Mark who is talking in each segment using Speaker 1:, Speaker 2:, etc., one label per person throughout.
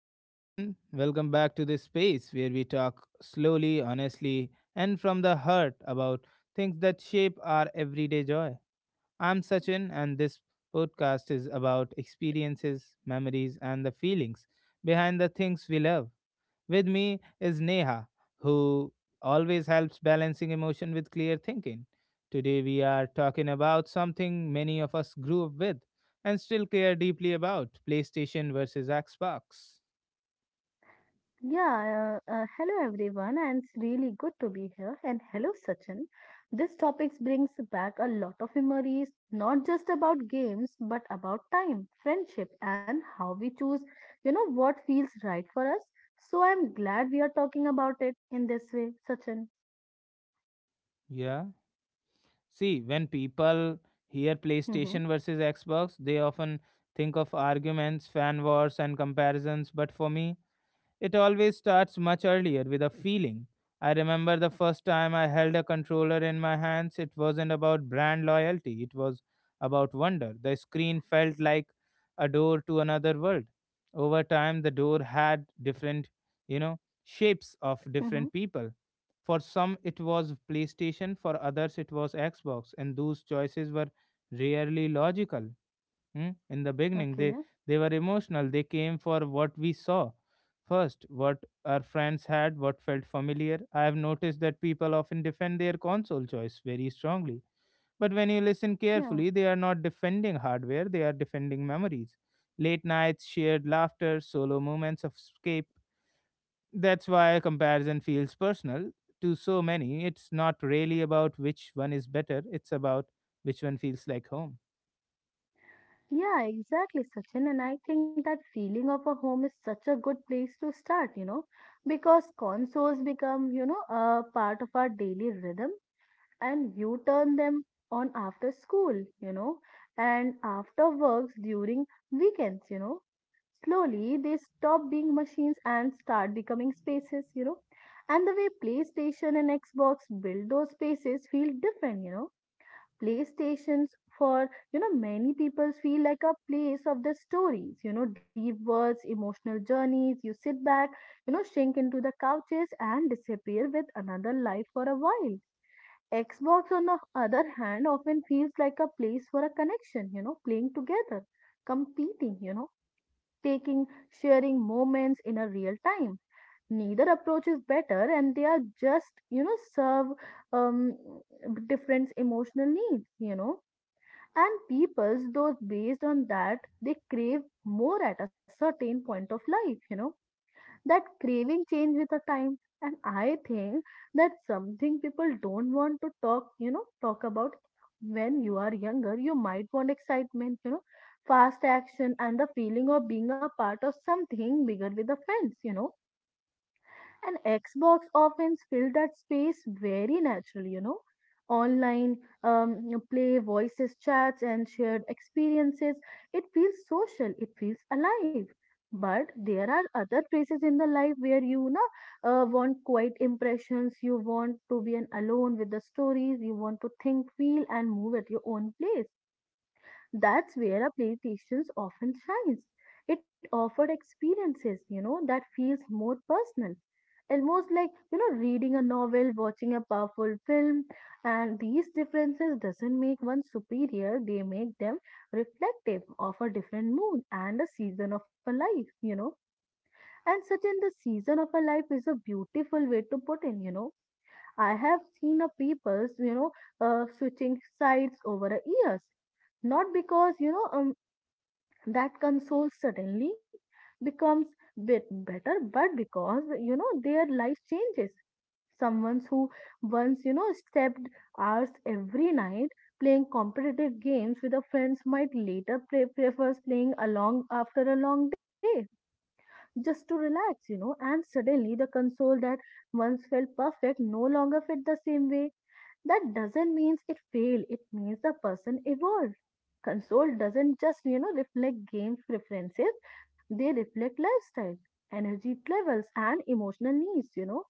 Speaker 1: everyone. Welcome back to this space where we talk slowly, honestly, and from the heart about things that shape our everyday joy. I'm Sachin, and this podcast is about experiences, memories, and the feelings behind the things we love. With me is Neha, who always helps balancing emotion with clear thinking. Today, we are talking about something many of us grew up with and still care deeply about PlayStation versus Xbox.
Speaker 2: Yeah, Hello everyone, and it's really good to be here. And hello, Sachin. This topic brings back a lot of memories, not just about games, but about time, friendship, and how we choose, what feels right for us. So I'm glad we are talking about it in this way, Sachin.
Speaker 1: Yeah. See, when people hear
Speaker 2: Mm-hmm.
Speaker 1: PlayStation versus Xbox, they often think of arguments, fan wars, and comparisons. But for me, it always starts much earlier with a feeling. I remember the first time I held a controller in my hands, it wasn't about brand loyalty, it was about wonder. The screen felt like a door to another world. Over time, the door had different, shapes of
Speaker 2: Mm-hmm.
Speaker 1: different people. For some, it was PlayStation, for others, it was Xbox, and those choices were rarely logical. Hmm. In the beginning,
Speaker 2: Okay.
Speaker 1: they were emotional. They came for what we saw first, what our friends had, what felt familiar. I have noticed that people often defend their console choice very strongly. But when you listen
Speaker 2: Yeah.
Speaker 1: carefully, they are not defending hardware, they are defending memories. Late nights, shared laughter, solo moments of escape. That's why comparison feels personal to so many. It's not really about which one is better, it's about which one feels like home.
Speaker 2: Yeah, exactly, Sachin. And I think that feeling of a home is such a good place to start, because consoles become, a part of our daily rhythm and you turn them on after school, you know, and after works during weekends. Slowly they stop being machines and start becoming spaces. And the way PlayStation and Xbox build those spaces feel different, playstations for many people feel like a place of the stories, deep words emotional journeys you sit back sink into the couches and disappear with another life for a while xbox on the other hand often feels like a place for a connection, playing together competing, taking sharing moments in a real time neither approach is better and they are just serve um different emotional needs, and people's those based on that, they crave more at a certain point of life, That craving change with the time. And I think that's something people don't want to talk about when you are younger. You might want excitement, fast action and the feeling of being a part of something bigger with the friends, and Xbox often fill that space very naturally, Online you play, voices, chats, and shared experiences. It feels social, it feels alive. But there are other places in the life where want quiet impressions, you want to be an alone with the stories, you want to think, feel, and move at your own place. That's where a PlayStation often shines. It offered experiences, that feels more personal almost like reading a novel watching a powerful film and these differences doesn't make one superior they make them reflective of a different mood and a season of a life, and such in the season of a life is a beautiful way to put in I have seen a people's switching sides over a years not because that console suddenly becomes bit better but because their life changes. Someone who stepped hours every night playing competitive games with her friends might later prefers playing along after a long day just to relax, And suddenly the console that once felt perfect no longer fit the same way. That doesn't mean it failed, it means the person evolved. Console doesn't just reflect game preferences, they reflect lifestyle energy levels and emotional needs,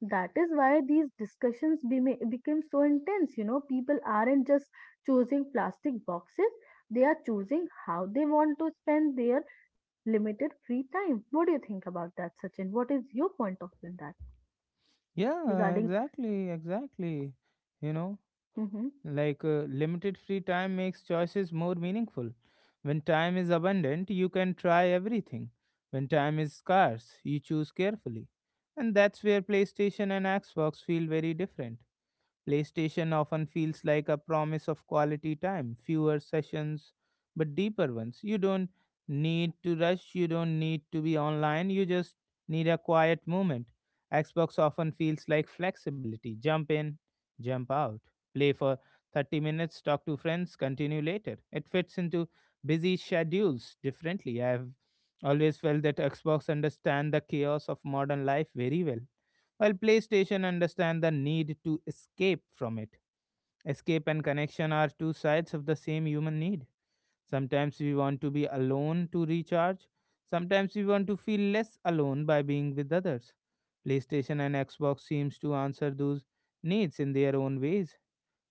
Speaker 2: that is why these discussions became so intense, people aren't just choosing plastic boxes they are choosing how they want to spend their limited free time. What do you think about that, Sachin? What is your point of view in that
Speaker 1: Yeah,
Speaker 2: regarding?
Speaker 1: exactly. You know,
Speaker 2: Hmm.
Speaker 1: like, limited free time makes choices more meaningful. When time is abundant, you can try everything. When time is scarce, you choose carefully. And that's where PlayStation and Xbox feel very different. PlayStation often feels like a promise of quality time, fewer sessions, but deeper ones. You don't need to rush, you don't need to be online, you just need a quiet moment. Xbox often feels like flexibility jump in, jump out, play for 30 minutes, talk to friends, continue later. It fits into busy schedules differently. I've always felt that Xbox understand the chaos of modern life very well, while PlayStation understands the need to escape from it. Escape and connection are two sides of the same human need. Sometimes we want to be alone to recharge. Sometimes we want to feel less alone by being with others. PlayStation and Xbox seems to answer those needs in their own ways.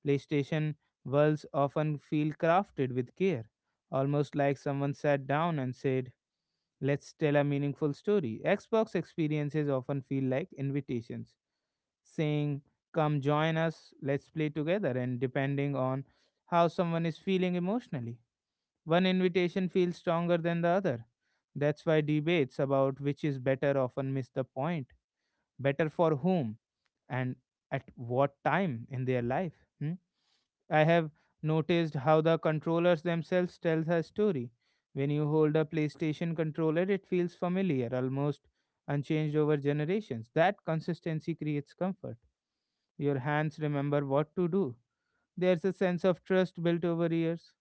Speaker 1: PlayStation worlds often feel crafted with care, almost like someone sat down and said, "Let's tell a meaningful story." Xbox experiences often feel like invitations saying, "Come join us, let's play together," and depending on how someone is feeling emotionally. One invitation feels stronger than the other. That's why debates about which is better often miss the point. Better for whom and at what time in their life? Hmm? I have noticed how the controllers themselves tell the story. When you hold a PlayStation controller, it feels familiar, almost unchanged over generations. That consistency creates comfort. Your hands remember what to do. There's a sense of trust built over years.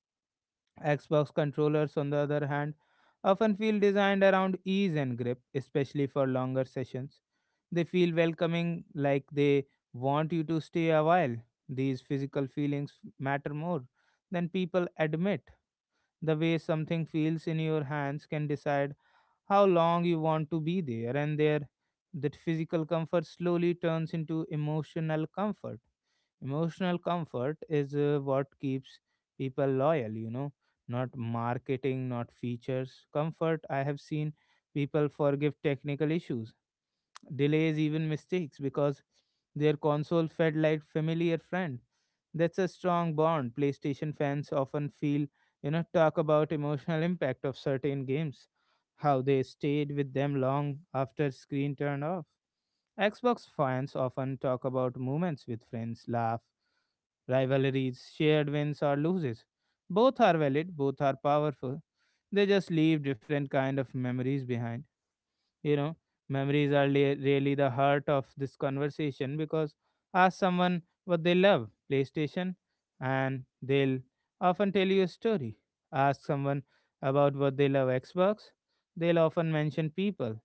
Speaker 1: Xbox controllers, on the other hand, often feel designed around ease and grip, especially for longer sessions. They feel welcoming, like they want you to stay a while. These physical feelings matter more than people admit. The way something feels in your hands can decide how long you want to be there, and there, that physical comfort slowly turns into emotional comfort. Emotional comfort is what keeps people loyal, you know, not marketing, not features. Comfort. I have seen people forgive technical issues, delays, even mistakes because their console felt like familiar friend. That's a strong bond. PlayStation fans often talk about emotional impact of certain games, how they stayed with them long after screen turned off. Xbox fans often talk about moments with friends, laugh rivalries, shared wins or losses. Both are valid, both are powerful. They just leave different kind of memories behind. You know, memories are really the heart of this conversation because ask someone what they love, PlayStation, and they'll often tell you a story. Ask someone about what they love, Xbox, they'll often mention people.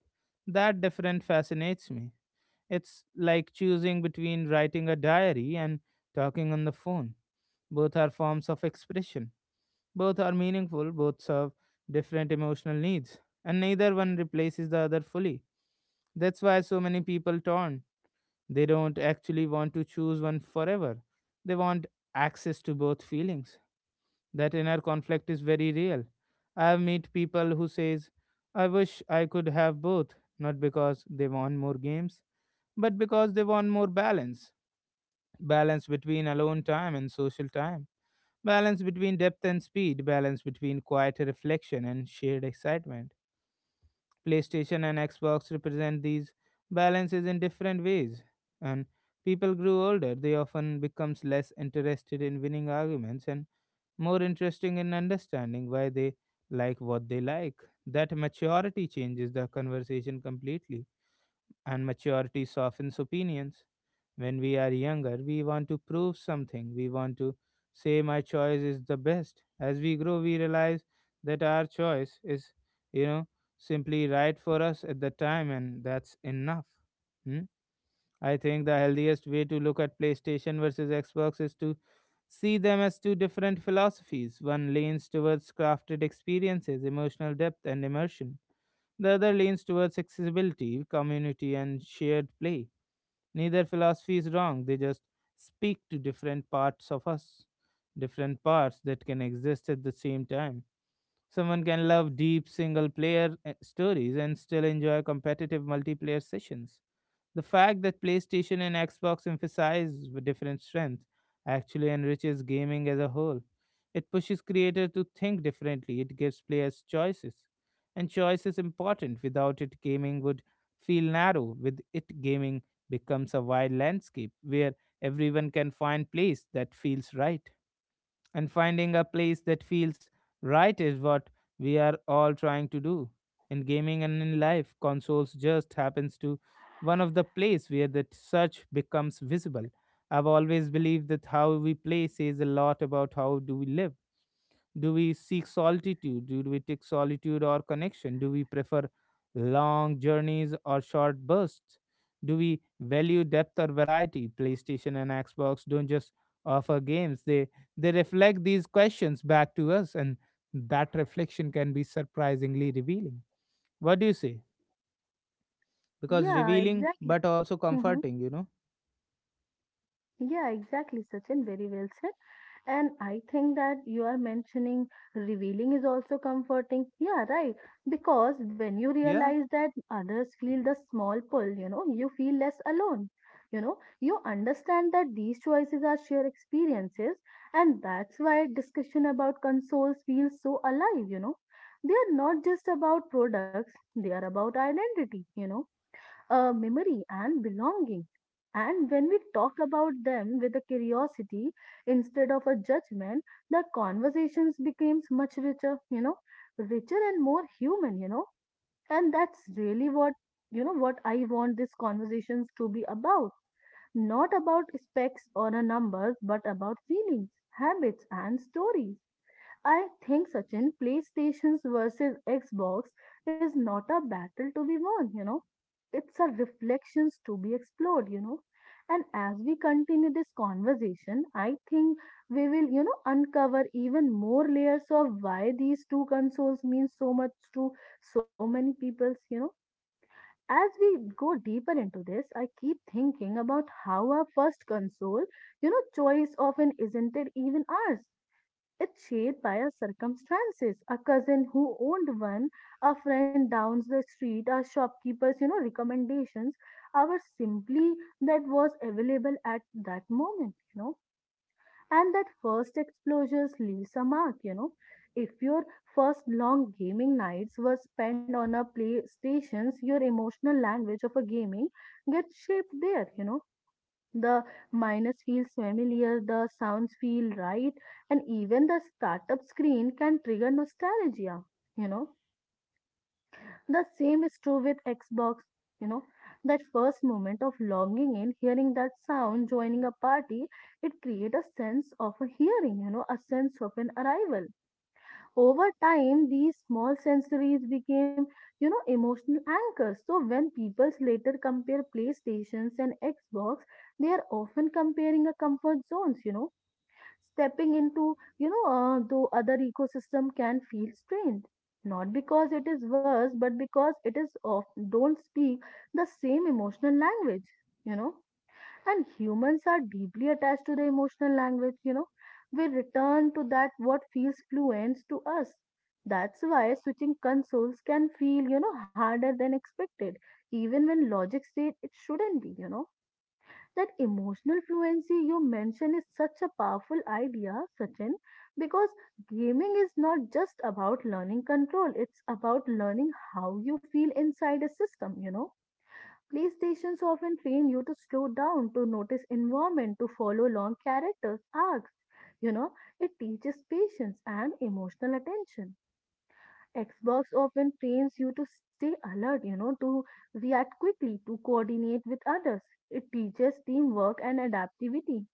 Speaker 1: That different fascinates me. It's like choosing between writing a diary and talking on the phone. Both are forms of expression. Both are meaningful, both serve different emotional needs, and neither one replaces the other fully. That's why so many people turn. They don't actually want to choose one forever. They want access to both feelings. That inner conflict is very real. I have met people who says, "I wish I could have both," not because they want more games, but because they want more balance. Balance between alone time and social time. Balance between depth and speed, balance between quiet reflection and shared excitement. PlayStation and Xbox represent these balances in different ways. And people grew older, they often becomes less interested in winning arguments and more interesting in understanding why they like what they like. That maturity changes the conversation completely and maturity softens opinions. When we are younger, we want to prove something. We want to say, "My choice is the best." As we grow, we realize that our choice is, you know, simply right for us at the time, and that's enough. Hmm? I think the healthiest way to look at PlayStation versus Xbox is to see them as two different philosophies. One leans towards crafted experiences, emotional depth, and immersion, the other leans towards accessibility, community, and shared play. Neither philosophy is wrong, they just speak to different parts of us, different parts that can exist at the same time. Someone can love deep single player stories and still enjoy competitive multiplayer sessions. The fact that PlayStation and Xbox emphasize with different strengths actually enriches gaming as a whole. It pushes creators to think differently, it gives players choices. And choice is important. Without it, gaming would feel narrow. With it, gaming becomes a wide landscape where everyone can find place that feels right. And finding a place that feels right is what we are all trying to do. In gaming and in life, consoles just happens to one of the place where that search becomes visible. I've always believed that how we play says a lot about how do we live. Do we seek solitude? Do we take solitude or connection? Do we prefer long journeys or short bursts? Do we value depth or variety? PlayStation and Xbox don't just offer games, they reflect these questions back to us, and that reflection can be surprisingly revealing. What do you say? Because
Speaker 2: Yeah,
Speaker 1: revealing,
Speaker 2: exactly.
Speaker 1: but also
Speaker 2: Hmm.
Speaker 1: comforting, you know?
Speaker 2: Yeah, exactly, Sachin, very well said. And I think that you are mentioning revealing is also comforting. Yeah, right. Because when you
Speaker 1: Yeah,
Speaker 2: realize that others feel the small pull, you feel less alone. You understand that these choices are shared experiences, and that's why discussion about consoles feels so alive, They are not just about products, they are about identity, memory and belonging. And when we talk about them with a curiosity instead of a judgment, the conversations becomes much richer, richer and more human, And that's really what, what I want these conversations to be about. Not about specs or a numbers, but about feelings, habits, and stories. I think Sachin, PlayStations versus Xbox is not a battle to be won, it's a reflections to be explored, and as we continue this conversation I think we will uncover even more layers of why these two consoles mean so much to so many peoples. As we go deeper into this I keep thinking about how our first console choice often isn't it even ours it's shaped by our circumstances. A cousin who owned one, a friend down the street, a shopkeeper's, recommendations, our simply that was available at that moment, And that first exposures leaves a mark, If your first long gaming nights were spent on a PlayStations, your emotional language of a gaming gets shaped there, the minus feels familiar, the sounds feel right, and even the startup screen can trigger nostalgia. You know, the same is true with Xbox. You know, that first moment of longing in hearing that sound, joining a party, it creates a sense of a hearing, a sense of an arrival over time these small sensories became emotional anchors so when people later compare playstations and xbox they are often comparing a comfort zones, stepping into though other ecosystem can feel strange. Not because it is worse but because it is of don't speak the same emotional language you know and humans are deeply attached to the emotional language, We return to that what feels fluent to us. That's why switching consoles can feel, harder than expected, even when logic said it shouldn't be, That emotional fluency you mentioned is such a powerful idea, Sachin, because gaming is not just about learning control, it's about learning how you feel inside a system, Playstations often train you to slow down, to notice environment, to follow long characters, arcs. You know, it teaches patience and emotional attention. Xbox often trains you to stay alert, to react quickly, to coordinate with others. It teaches teamwork and adaptivity.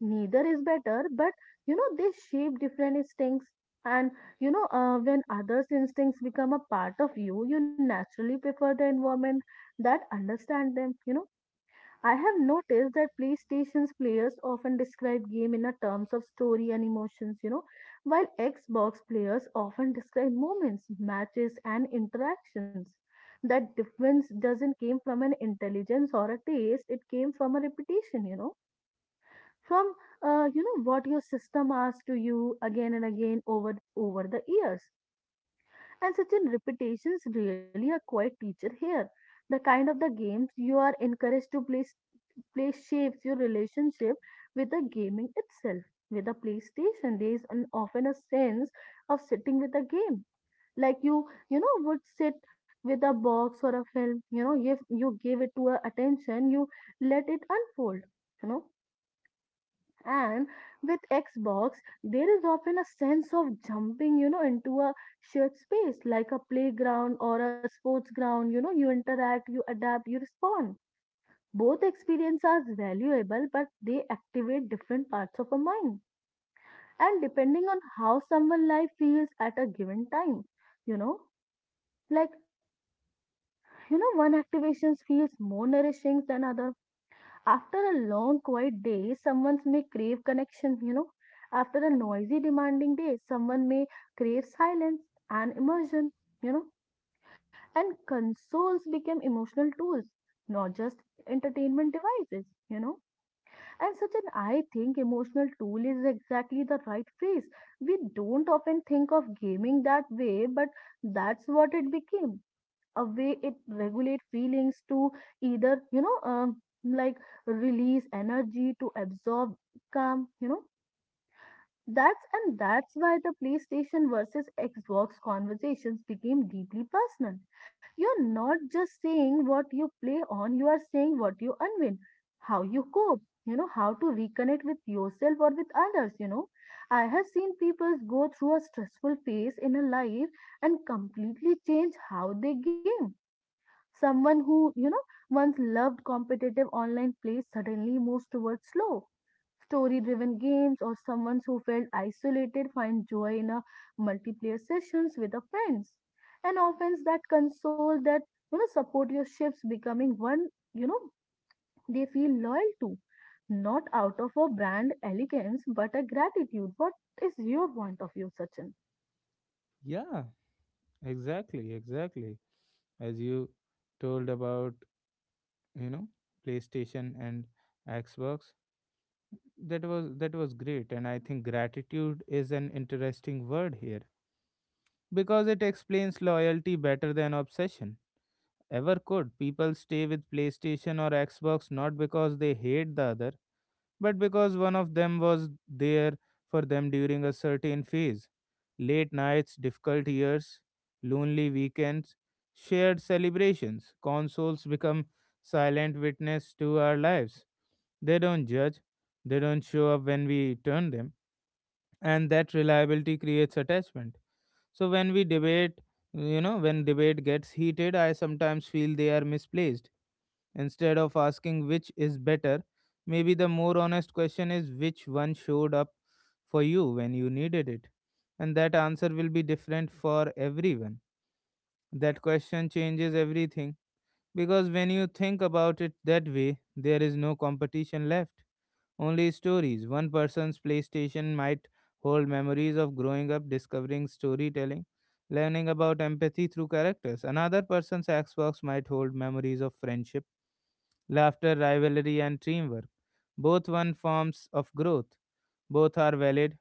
Speaker 2: Neither is better, but they shape different instincts. And when others' instincts become a part of you, you naturally prefer the environment that understand them. I have noticed that PlayStation's players often describe game in a terms of story and emotions, while Xbox players often describe moments, matches, and interactions. That difference doesn't came from an intelligence or a taste; it came from a repetition, from what your system asks to you again and again over the years. And such in repetitions really a quiet teacher here. The kind of the games you are encouraged to play shapes your relationship with the gaming itself. With the PlayStation, there is an, often a sense of sitting with a game. Like you, would sit with a box or a film, if you gave it to a attention, you let it unfold. You know, and with Xbox, there is often a sense of jumping, into a shared space like a playground or a sports ground. You interact, you adapt, you respond. Both experiences are valuable, but they activate different parts of a mind. And depending on how someone's life feels at a given time, you know, like, one activation feels more nourishing than other. After a long, quiet day, someone may crave connection, After a noisy, demanding day, someone may crave silence and immersion, you know. And consoles became emotional tools, not just entertainment devices, And Sachin, I think emotional tool is exactly the right phrase. We don't often think of gaming that way, but that's what it became. A way it regulate feelings to either, like release energy, to absorb calm, that's and that's why the PlayStation versus Xbox conversations became deeply personal. You're not just saying what you play on, you are saying what you unwin, how you cope, how to reconnect with yourself or with others, I have seen people go through a stressful phase in a life and completely change how they game. Someone who, once loved competitive online play suddenly moves towards slow story driven games or someone who felt isolated find joy in a multiplayer sessions with a friends and often that console that support your ships becoming one you know they feel loyal to not out of a brand elegance but a gratitude. What is your point of view, Sachin?
Speaker 1: yeah, exactly as you told about you know playstation and xbox that was great, and I think gratitude is an interesting word here because it explains loyalty better than obsession ever could. People stay with PlayStation or Xbox not because they hate the other but because one of them was there for them during a certain phase. Late nights, difficult years, lonely weekends, shared celebrations. Consoles become silent witness to our lives. They don't judge, they don't show up when we turn them, and that reliability creates attachment. So when we debate, when debate gets heated, I sometimes feel they are misplaced. Instead of asking which is better, maybe the more honest question is which one showed up for you when you needed it. And that answer will be different for everyone. That question changes everything because when you think about it that way, there is no competition left, only stories. One person's PlayStation might hold memories of growing up, discovering storytelling, learning about empathy through characters. Another person's Xbox might hold memories of friendship laughter, rivalry, and teamwork. Both one forms of growth. Both are valid,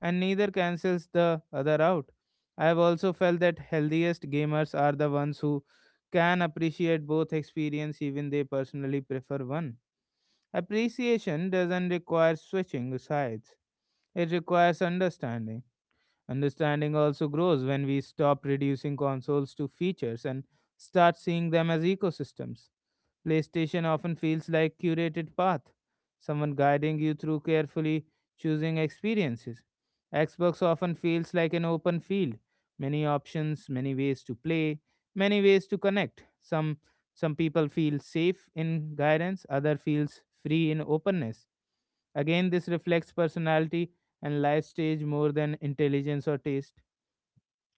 Speaker 1: and neither cancels the other out. I have also felt that healthiest gamers are the ones who can appreciate both experience even they personally prefer one. Appreciation doesn't require switching sides. It requires understanding. Understanding also grows when we stop reducing consoles to features and start seeing them as ecosystems. PlayStation often feels like curated path, someone guiding you through carefully choosing experiences. Xbox often feels like an open field, many options, many ways to play, many ways to connect. Some people feel safe in guidance, other feels free in openness. Again, this reflects personality and life stage more than intelligence or taste.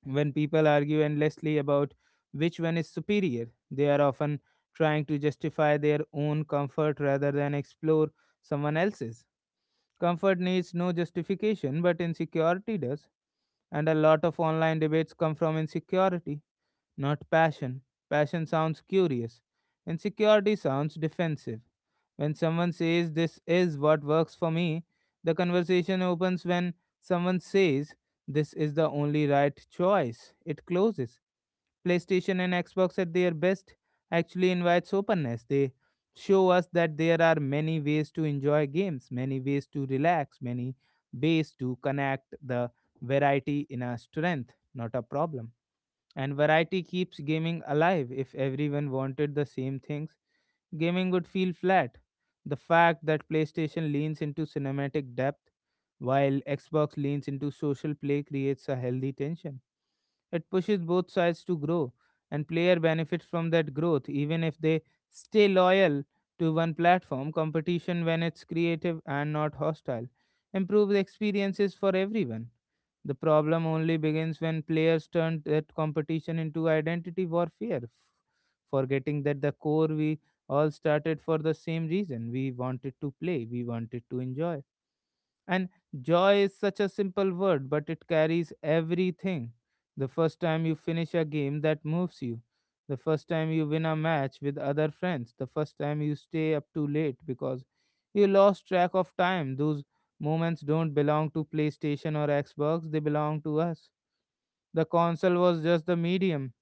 Speaker 1: When people argue endlessly about which one is superior, they are often trying to justify their own comfort rather than explore someone else's. Comfort needs no justification, but insecurity does, and a lot of online debates come from insecurity not passion. Passion sounds curious, insecurity sounds defensive. When someone says, "This is what works for me," the conversation opens. When someone says, "This is the only right choice," it closes. PlayStation and Xbox at their best actually invites openness. They show us that there are many ways to enjoy games, many ways to relax, many ways to connect the variety in our strength, not a problem. And variety keeps gaming alive. If everyone wanted the same things, gaming would feel flat. The fact that PlayStation leans into cinematic depth while Xbox leans into social play creates a healthy tension. It pushes both sides to grow, and player benefits from that growth even if they stay loyal to one platform. Competition, when it's creative and not hostile, improves experiences for everyone. The problem only begins when players turn that competition into identity warfare, forgetting that the core we all started for the same reason. We wanted to play, we wanted to enjoy. And joy is such a simple word, but it carries everything. The first time you finish a game that moves you, the first time you win a match with other friends, the first time you stay up too late because you lost track of time. Those moments don't belong to PlayStation or Xbox, they belong to us. The console was just the medium,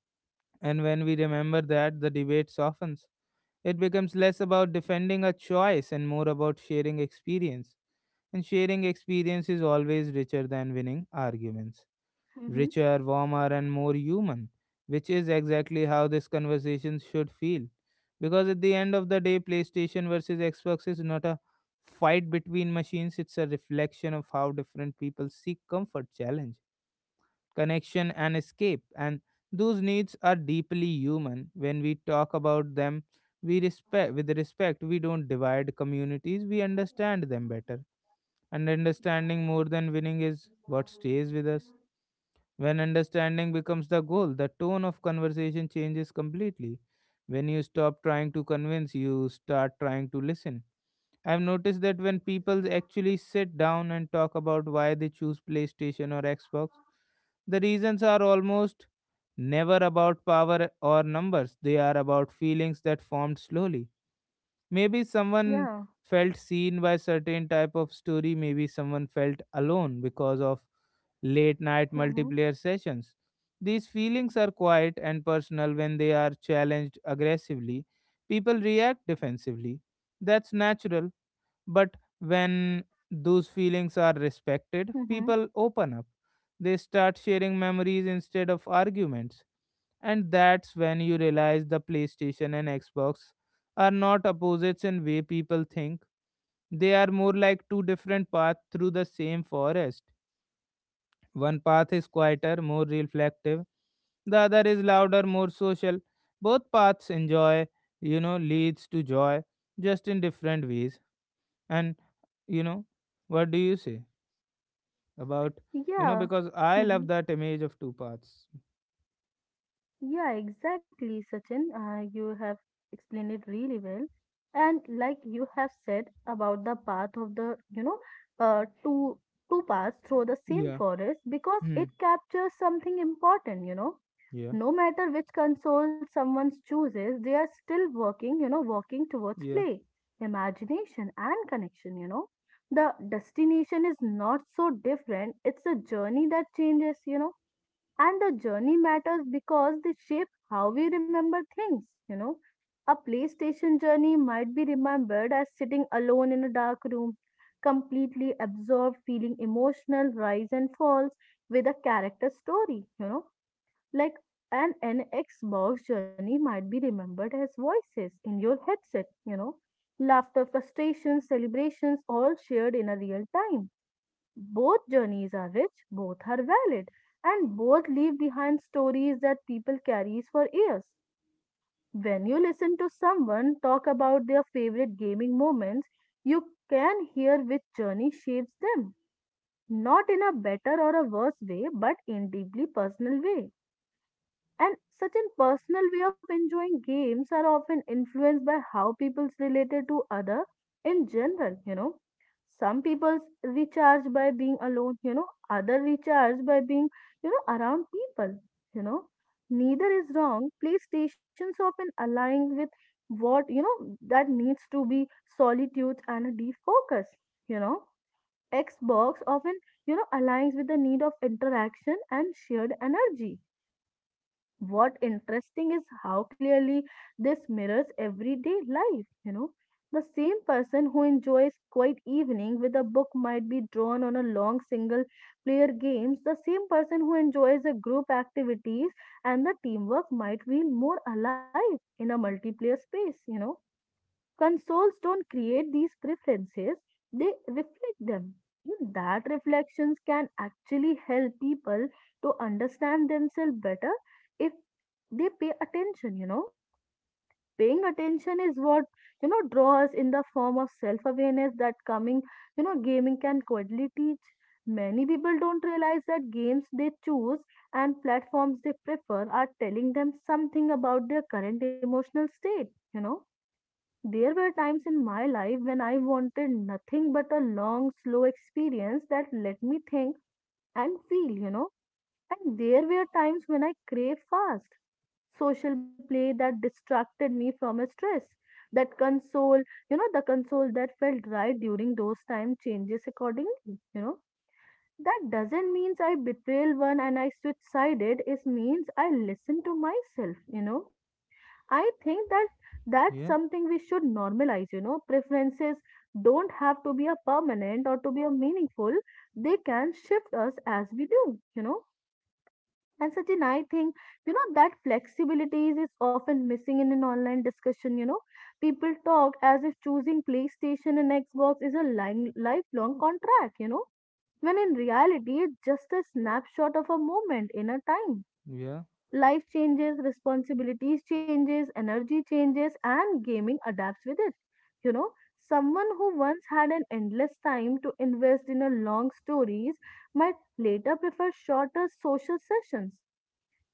Speaker 1: and when we remember that, the debate softens. It becomes less about defending a choice and more about sharing experience and sharing experience is always richer than winning arguments.
Speaker 2: Mm-hmm.
Speaker 1: Richer, warmer, and more human, which is exactly how this conversation should feel. Because at the end of the day, PlayStation versus Xbox is not a fight between machines, it's a reflection of how different people seek comfort, challenge, connection, and escape. And those needs are deeply human. When we talk about them, we respect with respect we don't divide communities we understand them better and understanding more than winning is what stays with us. When understanding becomes the goal, the tone of conversation changes completely. When you stop trying to convince, you start trying to listen. I've noticed that when people actually sit down and talk about why they choose PlayStation or Xbox, the reasons are almost never about power or numbers. They are about feelings that formed slowly. Maybe someone
Speaker 2: Yeah.
Speaker 1: felt seen by certain type of story, maybe someone felt alone because of late night
Speaker 2: Mm-hmm.
Speaker 1: multiplayer sessions. These feelings are quiet and personal when they are challenged aggressively. People react defensively. That's natural, but when those feelings are respected,
Speaker 2: Mm-hmm.
Speaker 1: people open up. They start sharing memories instead of arguments and that's when you realize the PlayStation and Xbox are not opposites in way people think. They are more like two different paths through the same forest. One path is quieter, more reflective. The other is louder, more social. Both paths enjoy, leads to joy, just in different ways. And you know, what do you say about you know?
Speaker 2: Yeah.
Speaker 1: Because I
Speaker 2: Mm-hmm.
Speaker 1: love that image of two paths.
Speaker 2: Yeah, exactly, Sachin. You have explained it really well. And like you have said about the path of the, uh, two two paths through the same
Speaker 1: Yeah.
Speaker 2: forest because
Speaker 1: Hmm.
Speaker 2: it captures something important.
Speaker 1: Yeah.
Speaker 2: No matter which console someone chooses, they are still working, walking towards
Speaker 1: Yeah.
Speaker 2: play, imagination, and connection. The destination is not so different. It's a journey that changes, and the journey matters because they shape how we remember things, you know. A PlayStation journey might be remembered as sitting alone in a dark room, completely absorbed, feeling emotional rise and falls with a character story. Like an Xbox journey might be remembered as voices in your headset. Laughter, frustrations, celebrations, all shared in a real time. Both journeys are rich, both are valid, and both leave behind stories that people carries for years. When you listen to someone talk about their favorite gaming moments, you can hear which journey shapes them, not in a better or a worse way, but in deeply personal way. And such certain personal way of enjoying games are often influenced by how people's related to other in general. Some people's recharge by being alone, other recharge by being, around people, you know. Neither is wrong. PlayStations often align with what, that needs to be solitude and a deep focus, you know. Xbox often, aligns with the need of interaction and shared energy. What interesting is how clearly this mirrors everyday life. The same person who enjoys quiet evening with a book might be drawn on a long single player games. The same person who enjoys a group activities and the teamwork might feel more alive in a multiplayer space. Consoles don't create these preferences, they reflect them. And that reflections can actually help people to understand themselves better if they pay attention. Paying attention is what, draws in the form of self-awareness that coming, gaming can quietly teach. Many people don't realize that games they choose and platforms they prefer are telling them something about their current emotional state. There were times in my life when I wanted nothing but a long, slow experience that let me think and feel. And there were times when I craved fast, social play that distracted me from a stress, that console, the console that felt right during those time changes accordingly. That doesn't means I betrayal one and I switch sided. It means I listen to myself. I think that that's
Speaker 1: Yeah.
Speaker 2: something we should normalize. Preferences don't have to be a permanent or to be a meaningful. They can shift us as we do. And Sachin, I think, that flexibility is often missing in an online discussion. People talk as if choosing PlayStation and Xbox is a line, lifelong contract. When in reality, it's just a snapshot of a moment in a time.
Speaker 1: Yeah.
Speaker 2: Life changes, responsibilities changes, energy changes, and gaming adapts with it. You know, Someone who once had an endless time to invest in a long stories might later prefer shorter social sessions.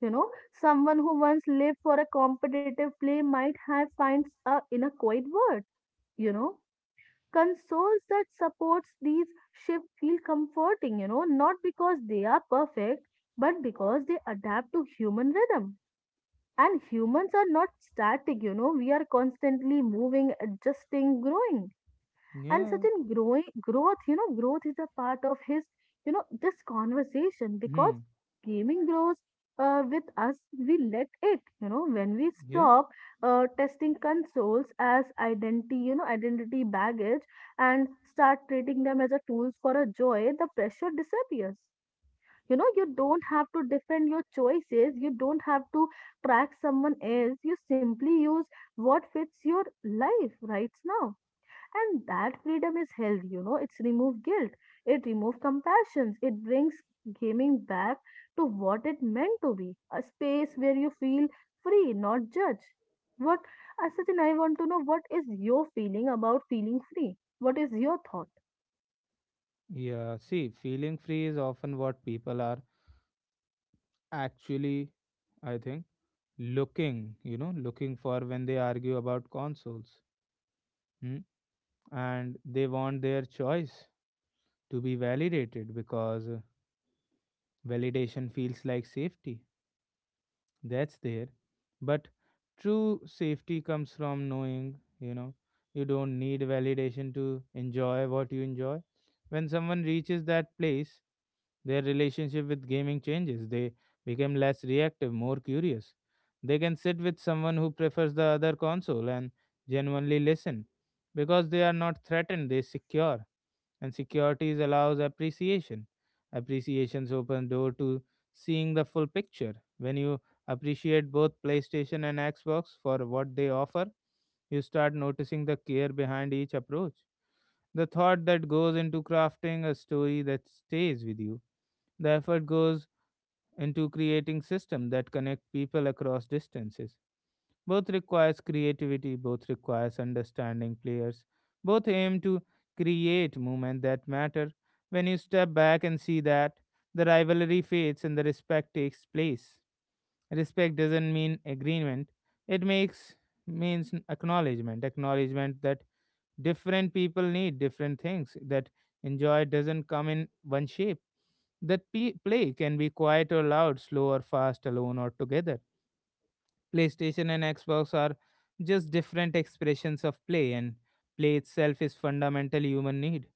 Speaker 2: You know, Someone who once lived for a competitive play might have finds a in a quiet word. You know, Consoles that supports these shift feel comforting. Not because they are perfect, but because they adapt to human rhythm and humans are not static, we are constantly moving, adjusting, growing. And
Speaker 1: Yeah.
Speaker 2: certain growing growth, you know, growth is a part of his, this conversation because
Speaker 1: Hmm.
Speaker 2: gaming grows with us, we let it, when we
Speaker 1: Yeah.
Speaker 2: stop testing consoles as identity, identity baggage and start treating them as a tools for a joy, the pressure disappears. You don't have to defend your choices. You don't have to track someone else. You simply use what fits your life right now. And that freedom is healthy. It's remove guilt, it remove compassions. It brings gaming back to what it meant to be a space where you feel free not judged. What Asachin, I want to know what is your feeling about feeling free? What is your thought?
Speaker 1: Yeah. See, feeling free is often what people are actually, I think, looking for when they argue about consoles. Hmm? And they want their choice to be validated because validation feels like safety. That's there. But true safety comes from knowing, you don't need validation to enjoy what you enjoy. When someone reaches that place, their relationship with gaming changes. They become less reactive, more curious. They can sit with someone who prefers the other console and genuinely listen because they are not threatened, they secure and securities allows appreciation. Appreciations open door to seeing the full picture. When you appreciate both PlayStation and Xbox for what they offer, you start noticing the care behind each approach. The thought that goes into crafting a story that stays with you. The effort goes into creating systems that connect people across distances. Both requires creativity, both requires understanding players. Both aim to create movement that matter. When you step back and see that, the rivalry fades and the respect takes place. Respect doesn't mean agreement. It makes means acknowledgement. Acknowledgement that different people need different things. That enjoy doesn't come in one shape. That play can be quiet or loud, slow or fast, alone or together. PlayStation and Xbox are just different expressions of play, and play itself is fundamental human need.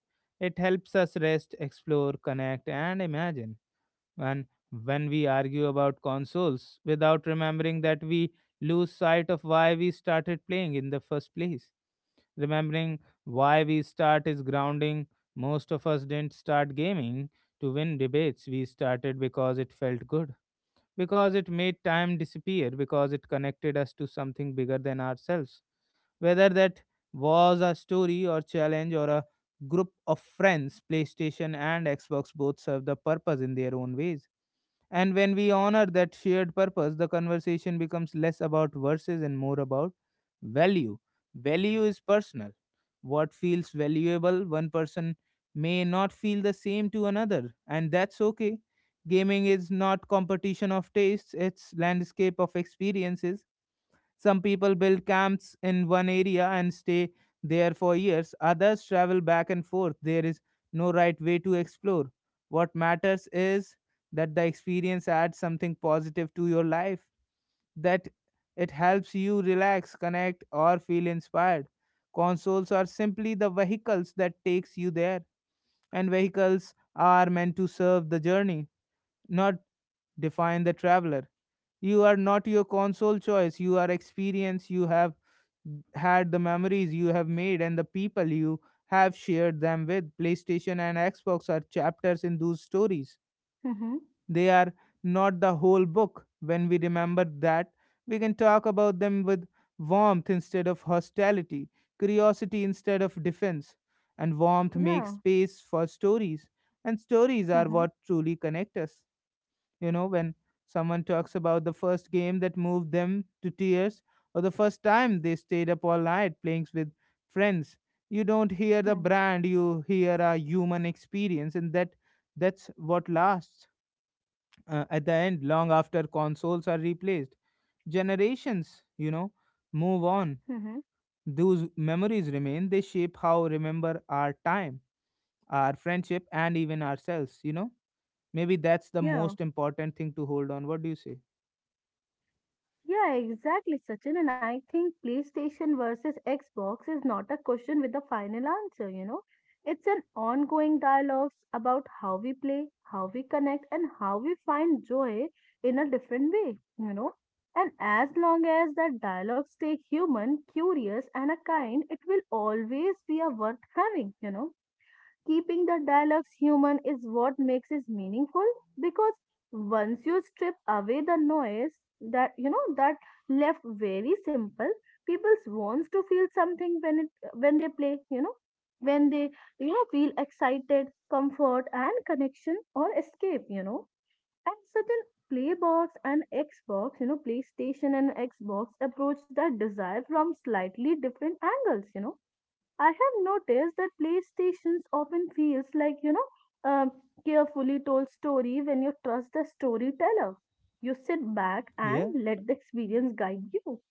Speaker 1: It helps us rest, explore, connect, and imagine. And when we argue about consoles without remembering that we lose sight of why we started playing in the first place. Remembering why we start is grounding. Most of us didn't start gaming to win debates, we started because it felt good because it made time disappear, because it connected us to something bigger than ourselves. Whether that was a story or challenge or a group of friends, PlayStation and Xbox both serve the purpose in their own ways. And when we honor that shared purpose, the conversation becomes less about verses and more about value. Value is personal. What feels valuable, one person may not feel the same to another, and that's okay. Gaming is not competition of tastes, it's landscape of experiences. Some people build camps in one area and stay there for years. Others travel back and forth. There is no right way to explore. What matters is that the experience adds something positive to your life, that it helps you relax, connect, or feel inspired. Consoles are simply the vehicles that takes you there and vehicles are meant to serve the journey not define the traveler. You are not your console choice. You are experience. You have had the memories you have made and the people you have shared them with. PlayStation and Xbox are chapters in those stories.
Speaker 2: Mm-hmm.
Speaker 1: They are not the whole book. When we remember that, we can talk about them with warmth instead of hostility, curiosity instead of defense. And warmth makes
Speaker 2: Yeah.
Speaker 1: space for stories, and stories are
Speaker 2: Mm-hmm.
Speaker 1: what truly connect us. You know, when someone talks about the first game that moved them to tears or the first time they stayed up all night playing with friends, you don't hear the brand, you hear a human experience, and that's what lasts at the end long after consoles are replaced generations you know move on
Speaker 2: Mm-hmm.
Speaker 1: those memories remain they shape how remember our time our friendship and even ourselves you know maybe that's the
Speaker 2: Yeah.
Speaker 1: most important thing to hold on. What do you say?
Speaker 2: Yeah, exactly, Sachin. And I think PlayStation versus Xbox is not a question with a final answer. It's an ongoing dialogue about how we play, how we connect, and how we find joy in a different way. And as long as that dialogue stay human, curious, and a kind, it will always be a worth having. Keeping the dialogues human is what makes it meaningful because once you strip away the noise that you know that left very simple, people wants to feel something when it when they play, when they feel excited, comfort and connection or escape. And certain Playbox and Xbox, you know, PlayStation and Xbox approach that desire from slightly different angles. I have noticed that PlayStations often feels like, a carefully told story when you trust the storyteller. You sit back and
Speaker 1: Yeah,
Speaker 2: let the experience guide you.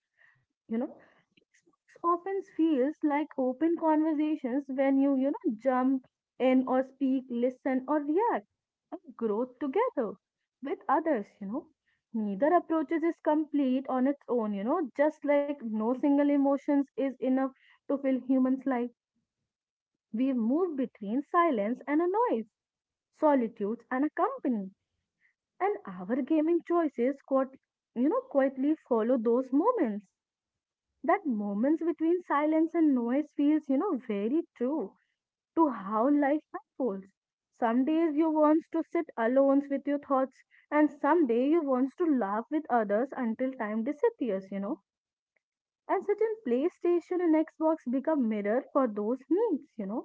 Speaker 2: You know, Xbox often feels like open conversations when you, jump in or speak, listen or react and grow together with others. Neither approaches is complete on its own, just like no single emotions is enough to fill humans' life. We move between silence and a noise, solitude and a company, and our gaming choices quietly follow those moments. That moments between silence and noise feels, very true to how life unfolds. Some days you want to sit alone with your thoughts, and some day you want to laugh with others until time disappears. And certain PlayStation and Xbox become mirror for those needs.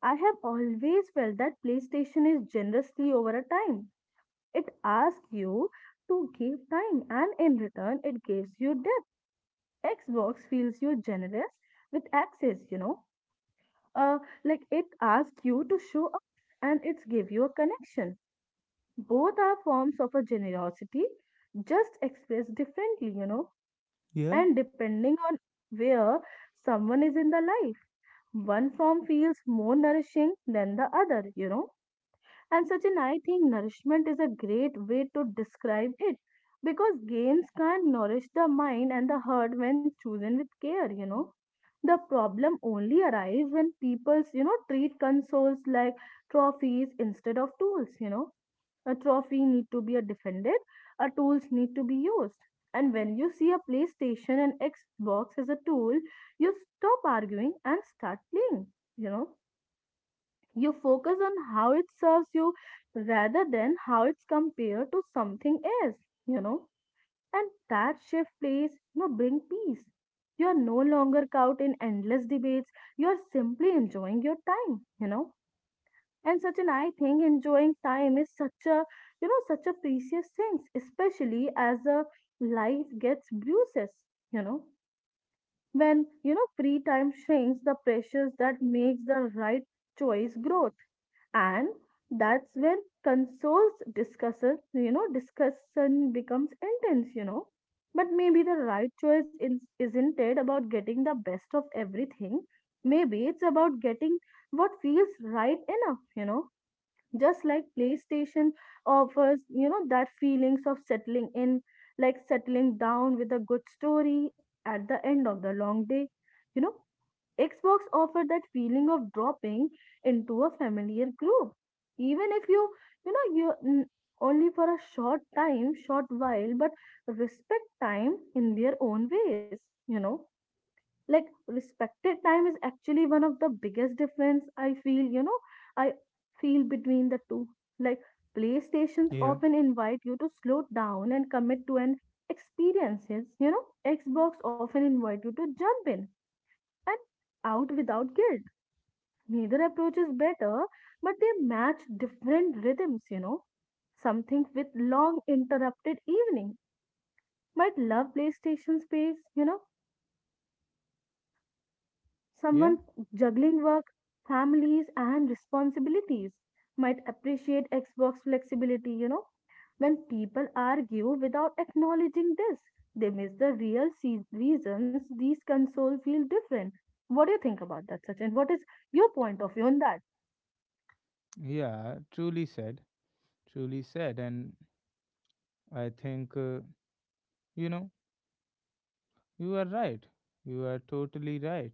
Speaker 2: I have always felt that PlayStation is generously over a time. It asks you to give time and in return it gives you depth. Xbox feels you generous with access. Uh, like it asks you to show up and it's give you a connection. Both are forms of a generosity, just expressed differently,
Speaker 1: yeah,
Speaker 2: and depending on where someone is in the life. One form feels more nourishing than the other. And such an I think nourishment is a great way to describe it because games can nourish the mind and the heart when chosen with care. The problem only arises when people, treat consoles like trophies instead of tools. A trophy need to be a defended, a tools need to be used. And when you see a PlayStation and Xbox as a tool, you stop arguing and start playing, you know you focus on how it serves you rather than how it's compared to something else, you know. And that shift plays, bring peace. You are no longer caught in endless debates. You are simply enjoying your time. And such an I think enjoying time is such a, such a precious thing, especially as a life gets bruises, you know. When, free time shrinks, the pressures that makes the right choice grows. And that's when consoles discussion becomes intense. But maybe the right choice isn't it about getting the best of everything? Maybe it's about getting what feels right enough. Just like PlayStation offers that feelings of settling in, like settling down with a good story at the end of the long day you know Xbox offered that feeling of dropping into a familiar group, even if you only for a short time, short while, but respect time in their own ways, you know. Like respected time is actually one of the biggest difference I I feel between the two. Like PlayStations
Speaker 1: yeah,
Speaker 2: often invite you to slow down and commit to an experiences. Xbox often invite you to jump in and out without guilt. Neither approach is better, but they match different rhythms. Something with long interrupted evening might love PlayStation space. Someone
Speaker 1: yeah,
Speaker 2: juggling work, families, and responsibilities might appreciate Xbox flexibility. When people argue without acknowledging this, they miss the real reasons these consoles feel different. What do you think about that, Sachin? What is your point of view on that?
Speaker 1: yeah. Truly said, truly said. And I think, you know, you are right. You are totally right.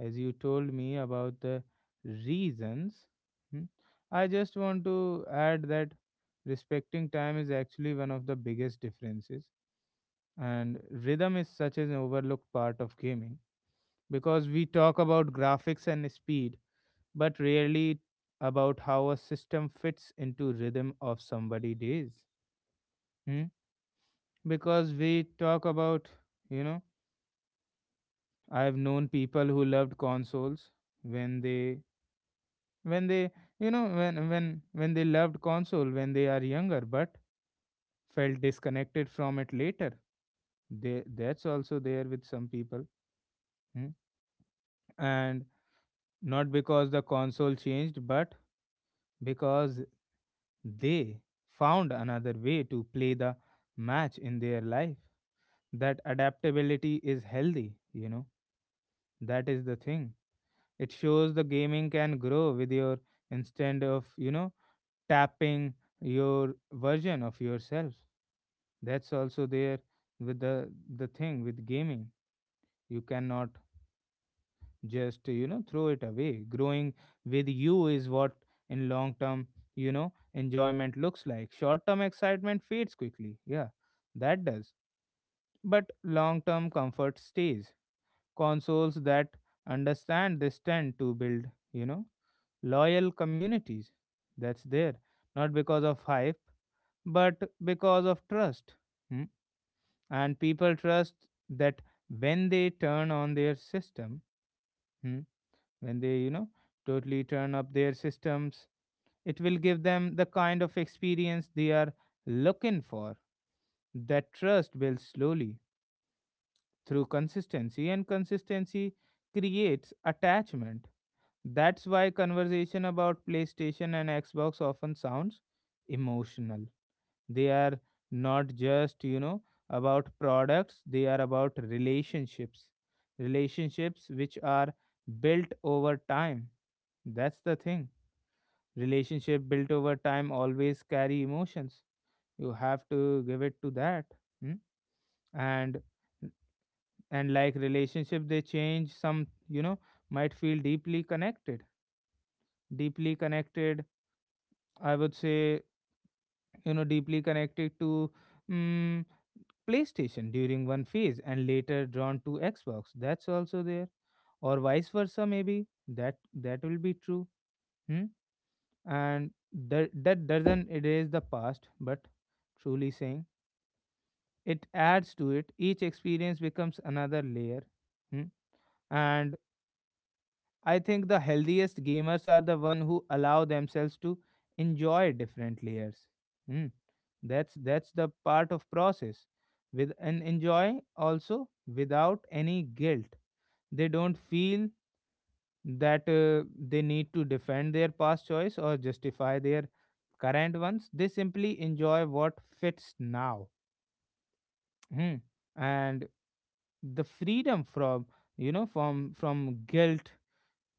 Speaker 1: As you told me about the reasons, hmm, I just want to add that respecting time is actually one of the biggest differences. And rhythm is such an overlooked part of gaming because we talk about graphics and speed, but rarely about how a system fits into rhythm of somebody days. Hmm? Because we talk about you know I've known people who loved consoles when they when they you know when they loved console when they are younger but felt disconnected from it later they that's also there with some people. Hmm? And not because the console changed but because they found another way to play the match in their life. That adaptability is healthy, you know. That is the thing. It shows the gaming can grow with your instead of, you know, tapping your version of yourself that's also there with the thing with gaming you cannot just you know throw it away growing with you is what in long term you know enjoyment looks like short term excitement fades quickly. Yeah, that does. But long term comfort stays consoles that understand this tend to build, you know, loyal communities that's there not because of hype but because of trust. Hmm? And people trust that when they turn on their system, hmm, when they you know totally turn up their systems it will give them the kind of experience they are looking for that trust builds slowly through consistency and consistency creates attachment. That's why conversation about PlayStation and Xbox often sounds emotional. They are not just, you know, about products they are about relationships, relationships which are built over time. That's the thing. Relationship built over time always carry emotions. You have to give it to that. Hmm? And and like relationship they change some you know might feel deeply connected I would say, you know, deeply connected to mm PlayStation during one phase and later drawn to Xbox that's also there or vice versa maybe that that will be true. Hmm? And that that doesn't erase the past but truly saying it adds to it each experience becomes another layer. Hmm? And I think the healthiest gamers are the one who allow themselves to enjoy different layers. Hmm? That's the part of process with and enjoy also without any guilt. They don't feel that they need to defend their past choice or justify their current ones they simply enjoy what fits now. Hmm. And the freedom from you know from from guilt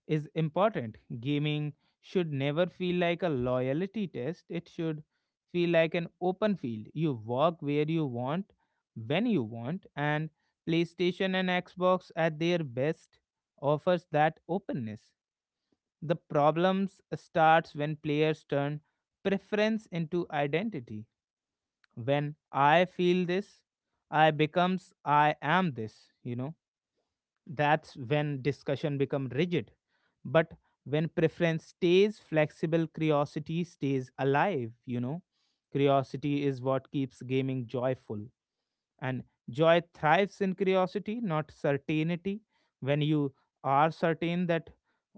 Speaker 1: is important. Gaming should never feel like a loyalty test, it should feel like an open field. You walk where you want, when you want, and PlayStation and Xbox at their best offers that openness. The problems starts when players turn preference into identity. When I feel this, I becomes I am this, that's when discussion become rigid. But when preference stays flexible, curiosity stays alive, Curiosity is what keeps gaming joyful. And joy thrives in curiosity, not certainty. When you are certain that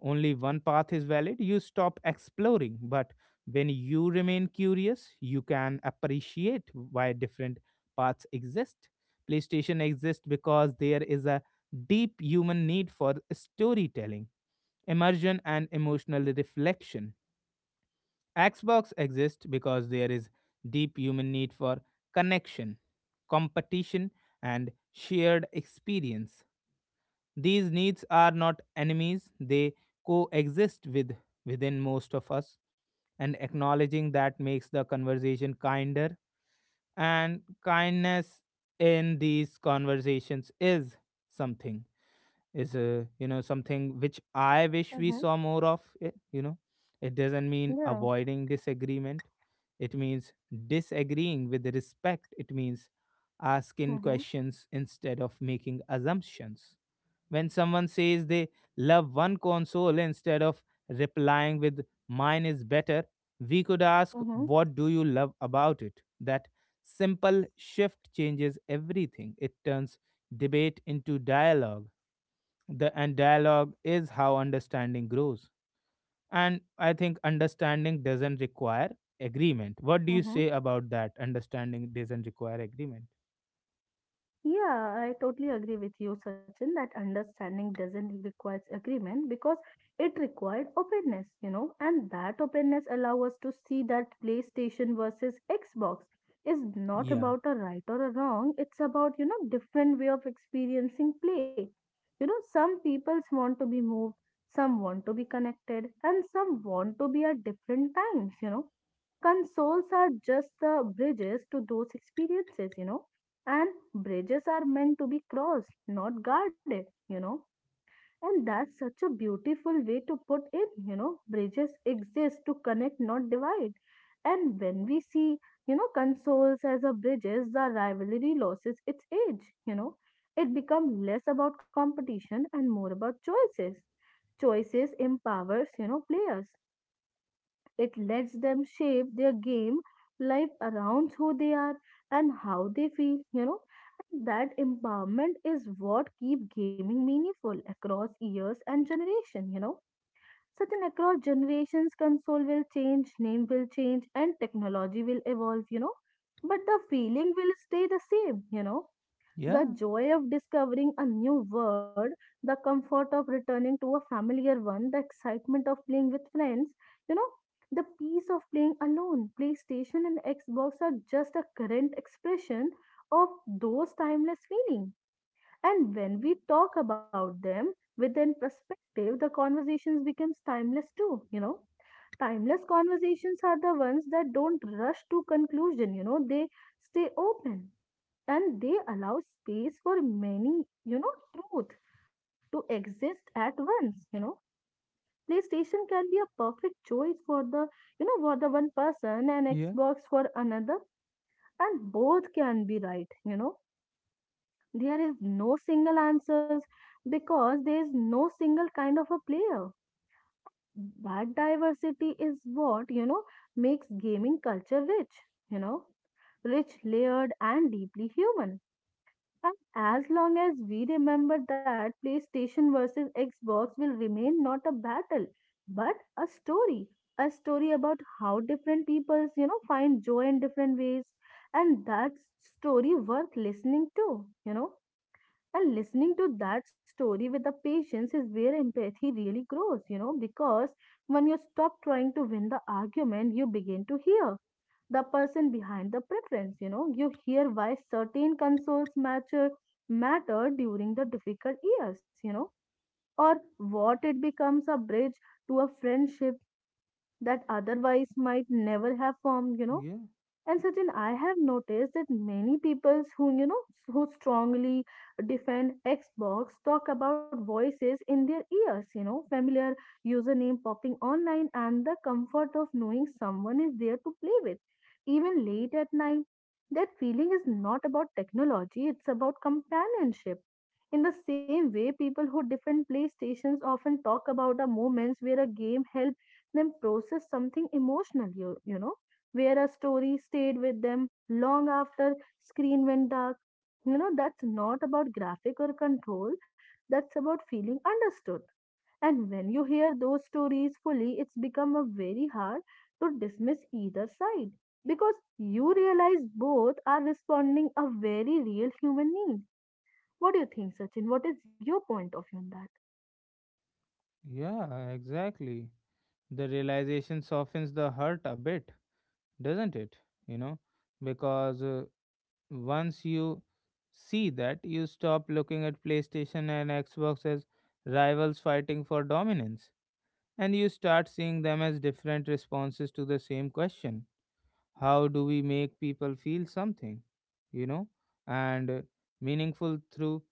Speaker 1: only one path is valid, you stop exploring. But when you remain curious, you can appreciate why different paths exist. PlayStation exists because there is a deep human need for storytelling, immersion, and emotional reflection. Xbox exists because there is deep human need for connection, competition, and shared experience. These needs are not enemies, they coexist with within most of us, and acknowledging that makes the conversation kinder. And kindness in these conversations is something, is something which I wish we
Speaker 2: Mhm.
Speaker 1: saw more of it, it doesn't mean
Speaker 2: Yeah.
Speaker 1: avoiding disagreement, it means disagreeing with respect. It means asking
Speaker 2: Mhm.
Speaker 1: questions instead of making assumptions. When someone says they love one console, instead of replying with mine is better, we could ask
Speaker 2: Mhm.
Speaker 1: what do you love about it? That simple shift changes everything. It turns debate into dialogue. The and dialogue is how understanding grows. And I think understanding doesn't require agreement. What do you
Speaker 2: Mhm.
Speaker 1: say about that? Understanding doesn't require agreement.
Speaker 2: Yeah, I totally agree with you, Sachin, that understanding doesn't require agreement because it required openness, and that openness allow us to see that PlayStation versus Xbox is not
Speaker 1: Yeah.
Speaker 2: about a right or a wrong. It's about, different way of experiencing play. Some peoples want to be moved, some want to be connected, and some want to be at different times. Consoles are just the bridges to those experiences, and bridges are meant to be crossed, not guarded. And that's such a beautiful way to put it, bridges exist to connect, not divide. And when we see, consoles as a bridges, the rivalry loses its edge. It becomes less about competition and more about choices. Choices empowers, players. It lets them shape their game life around who they are and how they feel. And that empowerment is what keep gaming meaningful across years and generation. Certain across generations, console will change, name will change, and technology will evolve. But the feeling will stay the same,
Speaker 1: Yeah.
Speaker 2: the joy of discovering a new word, the comfort of returning to a familiar one, the excitement of playing with friends, you know, the peace of playing alone. PlayStation and Xbox are just a current expression of those timeless feelings. And when we talk about them within perspective, the conversations becomes timeless too. Timeless conversations are the ones that don't rush to conclusion, they stay open and they allow space for many, truth to exist at once. PlayStation can be a perfect choice for for the one person and
Speaker 1: Yeah,
Speaker 2: Xbox for another, and both can be right. There is no single answers because there is no single kind of a player. That diversity is what makes gaming culture rich. You know, rich, layered, and deeply human. And as long as we remember that, PlayStation versus Xbox will remain not a battle, but a story. A story about how different peoples, find joy in different ways. And that story worth listening to. And listening to that story with the patience is where empathy really grows, because when you stop trying to win the argument, you begin to hear the person behind the preference. You hear why certain consoles matter during the difficult years, or what it becomes a bridge to a friendship that otherwise might never have formed.
Speaker 1: yeah,
Speaker 2: And Sachin, I have noticed that many people who, who strongly defend Xbox talk about voices in their ears, familiar username popping online and the comfort of knowing someone is there to play with, even late at night. That feeling is not about technology, it's about companionship. In the same way, people who defend PlayStations often talk about the moments where a game helped them process something emotional, where a story stayed with them long after screen went dark. That's not about graphic or control, that's about feeling understood. And when you hear those stories fully, it's become a very hard to dismiss either side because you realize both are responding a very real human need. What do you think, Sachin? What is your point of view on that?
Speaker 1: yeah, exactly. The realization softens the hurt a bit, doesn't it? You know, because once you see that, you stop looking at PlayStation and Xbox as rivals fighting for dominance, and you start seeing them as different responses to the same question. How do we make people feel something, you know, and meaningful through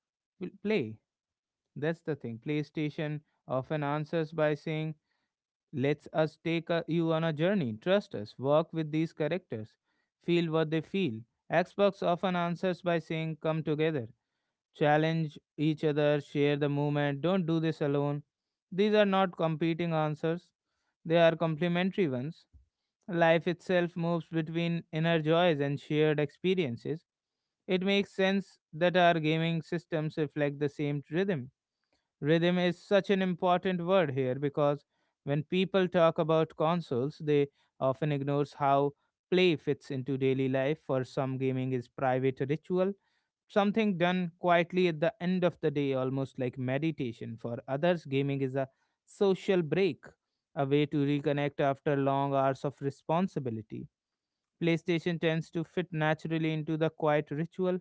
Speaker 1: play. That's the thing. PlayStation often answers by saying let's us take a, you on a journey, trust us, work with these characters, feel what they feel. Xbox often answers by saying come together, challenge each other, share the movement. Don't do this alone. These are not competing answers, they are complementary ones. Life itself moves between inner joys and shared experiences. It makes sense that our gaming systems reflect the same rhythm. Rhythm is such an important word here, because when people talk about consoles, they often ignores how play fits into daily life. For some, gaming is private ritual, something done quietly at the end of the day, almost like meditation. For others, gaming is a social break, a way to reconnect after long hours of responsibility. PlayStation tends to fit naturally into the quiet ritual.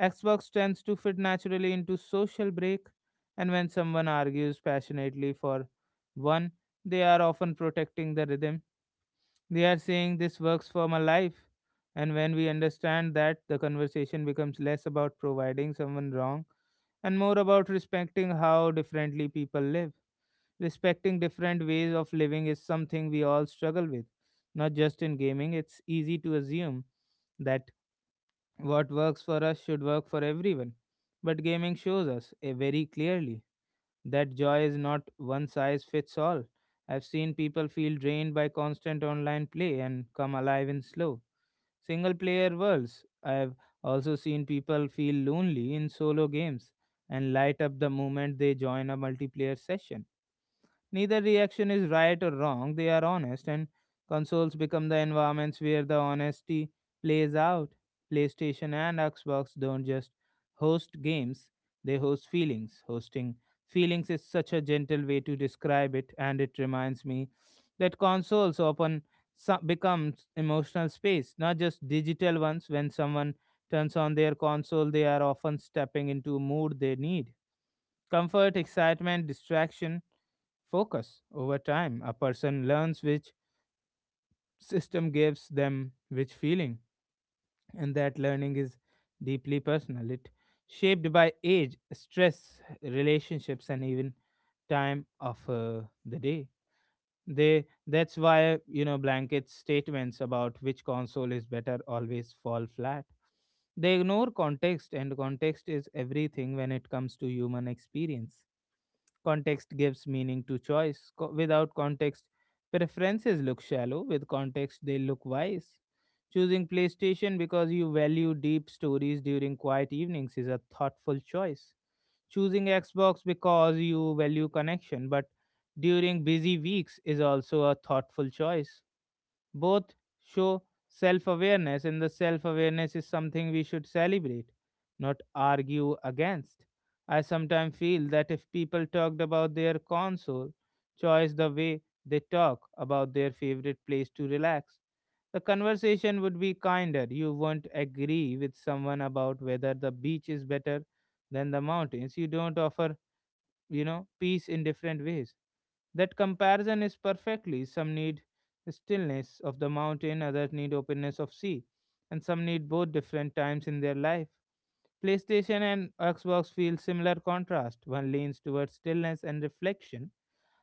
Speaker 1: Xbox tends to fit naturally into social break, and when someone argues passionately for one, they are often protecting the rhythm. They are saying this works for my life. And when we understand that, the conversation becomes less about providing someone wrong and more about respecting how differently people live. Respecting different ways of living is something we all struggle with, not just in gaming. It's easy to assume that what works for us should work for everyone. But gaming shows us very clearly that joy is not one size fits all. I've seen people feel drained by constant online play and come alive in slow, single player worlds. I've also seen people feel lonely in solo games and light up the moment they join a multiplayer session. Neither reaction is right or wrong, they are honest, and consoles become the environments where the honesty plays out. PlayStation and Xbox don't just host games, they host feelings. Hosting feelings is such a gentle way to describe it, and it reminds me that consoles often become emotional space, not just digital ones. When someone turns on their console, they are often stepping into a mood they need. Comfort, excitement, distraction, focus. Over time, a person learns which system gives them which feeling, and that learning is deeply personal. It shaped by age, stress, relationships, and even time of the day. They That's why you know blanket statements about which console is better always fall flat. They ignore context, and context is everything when it comes to human experience. Context gives meaning to choice. Without context, preferences look shallow. With context, they look wise. Choosing PlayStation because you value deep stories during quiet evenings is a thoughtful choice. Choosing Xbox because you value connection, but during busy weeks is also a thoughtful choice. Both show self awareness, and the self awareness is something we should celebrate, not argue against. I sometimes feel that if people talked about their console choice the way they talk about their favorite place to relax, the conversation would be kinder. You won't agree with someone about whether the beach is better than the mountains. You don't offer, you know, peace in different ways. That comparison is perfectly. Some need stillness of the mountain, others need openness of sea, and some need both different times in their life. PlayStation and Xbox feel similar contrast. One leans towards stillness and reflection,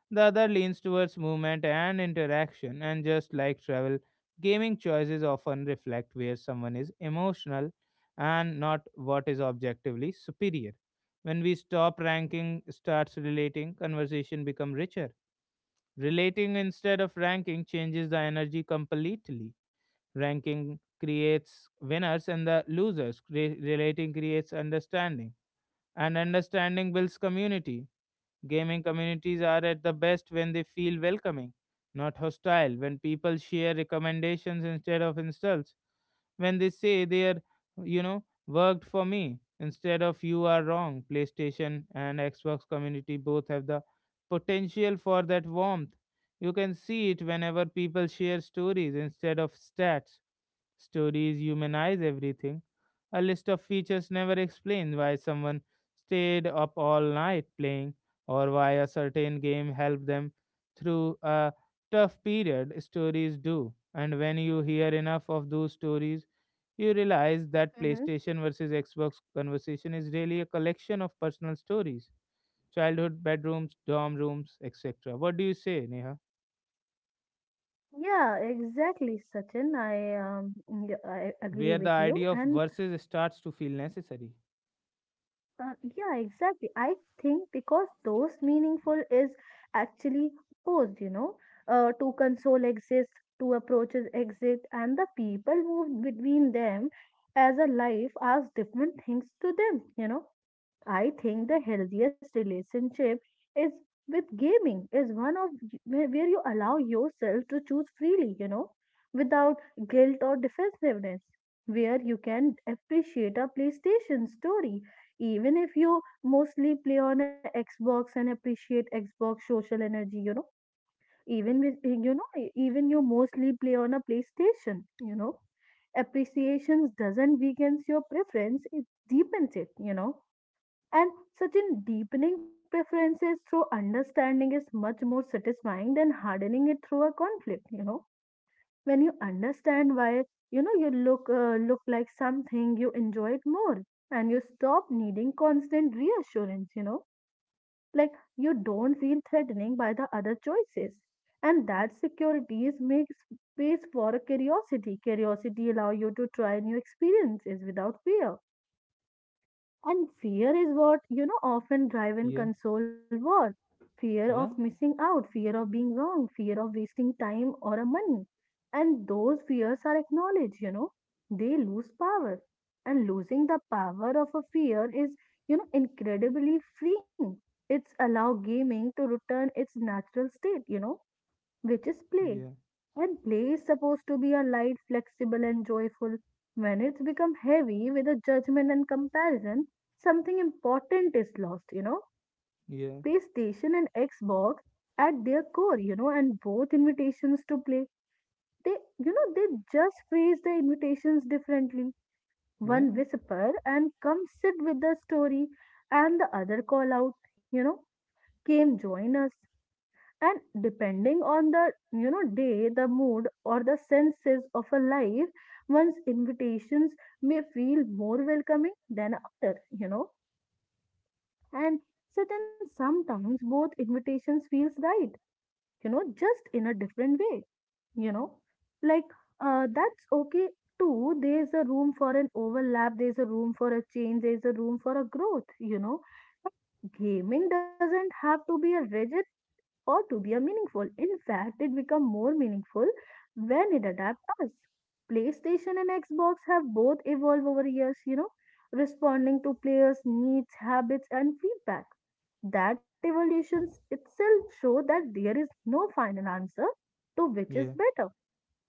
Speaker 1: the other leans towards movement and interaction, and just like travel, gaming choices often reflect where someone is emotional and not what is objectively superior. When we stop ranking, starts relating, conversation become richer. Relating instead of ranking changes the energy completely. Ranking creates winners and the losers. Relating creates understanding, and understanding builds community. Gaming communities are at the best when they feel welcoming, not hostile, when people share recommendations instead of insults, when they say they are, you know, worked for me instead of you are wrong. PlayStation and Xbox community both have the potential for that warmth. You can see it whenever people share stories instead of stats. Stories humanize everything. A list of features never explains why someone stayed up all night playing or why a certain game helped them through a tough period. Stories do. And when you hear enough of those stories, you realize that
Speaker 2: Mm-hmm.
Speaker 1: PlayStation versus Xbox conversation is really a collection of personal stories, childhood bedrooms, dorm rooms, etc. What do you say, Neha?
Speaker 2: Yeah, exactly, Sachin. I, yeah, I
Speaker 1: Where
Speaker 2: agree
Speaker 1: the
Speaker 2: with
Speaker 1: idea
Speaker 2: you,
Speaker 1: of
Speaker 2: and
Speaker 1: versus starts to feel necessary.
Speaker 2: Yeah, exactly. I think because those meaningful is actually posed, to console exist, to approaches exist, and the people move between them as a life asks different things to them. I think the healthiest relationship is with gaming is one of where you allow yourself to choose freely, without guilt or defensiveness, where you can appreciate a PlayStation story, even if you mostly play on a Xbox and appreciate Xbox social energy, even with even you mostly play on a PlayStation, appreciations doesn't weakens your preference, it deepens it and such in deepening preferences through understanding is much more satisfying than hardening it through a conflict. When you understand why, you look look like something, you enjoy it more and you stop needing constant reassurance. Like you don't feel threatening by the other choices. And that security is makes space for a curiosity. Curiosity allow you to try new experiences without fear and fear is what, often drive and
Speaker 1: Yeah,
Speaker 2: console war. Fear of
Speaker 1: yeah.
Speaker 2: missing out, fear of being wrong, fear of wasting time or a money. And those fears are acknowledged, they lose power. And losing the power of a fear is, incredibly freeing. It's allow gaming to return its natural state, which is play.
Speaker 1: Yeah,
Speaker 2: And play is supposed to be a light, flexible, and joyful. When it's become heavy with a judgment and comparison, something important is lost.
Speaker 1: yeah,
Speaker 2: PlayStation and Xbox at their core, and both invitations to play, they just phrase the invitations differently. One
Speaker 1: yeah,
Speaker 2: whisper and come sit with the story, and the other call out, came join us and depending on the day the mood or the senses of a life one's invitations may feel more welcoming than other. And so then sometimes both invitations feels right just in a different way you know like that's okay too. There's a room for an overlap, there's a room for a change, there's a room for a growth. Gaming doesn't have to be a rigid or to be a meaningful. In fact, it becomes more meaningful when it adapts us. PlayStation and Xbox have both evolved over years, responding to players' needs, habits, and feedback. That evolution itself show that there is no final answer to which is
Speaker 1: yeah,
Speaker 2: better.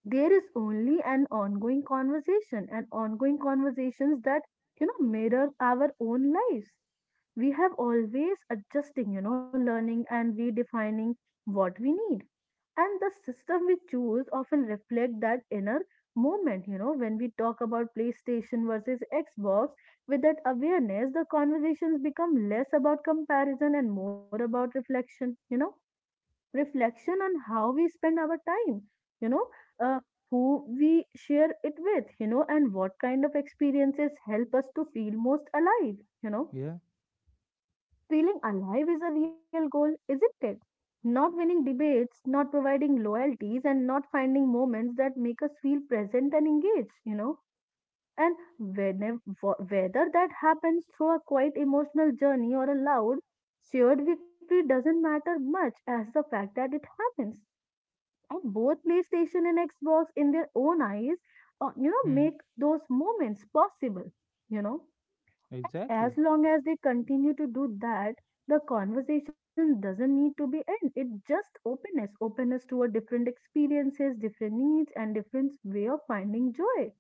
Speaker 2: There is only an ongoing conversation and ongoing conversations that mirror our own lives. We have always adjusting, learning and redefining what we need and the system we choose often reflect that inner moment. When we talk about PlayStation versus Xbox with that awareness, the conversations become less about comparison and more about reflection, reflection on how we spend our time, you know, uh, who we share it with, and what kind of experiences help us to feel most alive, you know.
Speaker 1: yeah.
Speaker 2: Feeling alive is a real goal, isn't it? Not winning debates, not providing loyalties, and not finding moments that make us feel present and engaged. And whenever, whether that happens through a quiet emotional journey or a loud shared victory doesn't matter much as the fact that it happens and both PlayStation and Xbox in their own eyes,
Speaker 1: Hmm.
Speaker 2: make those moments possible. You know,
Speaker 1: Exactly.
Speaker 2: as long as they continue to do that, the conversation doesn't need to be end. It just openness, openness toward different experiences, different needs, and different way of finding joy.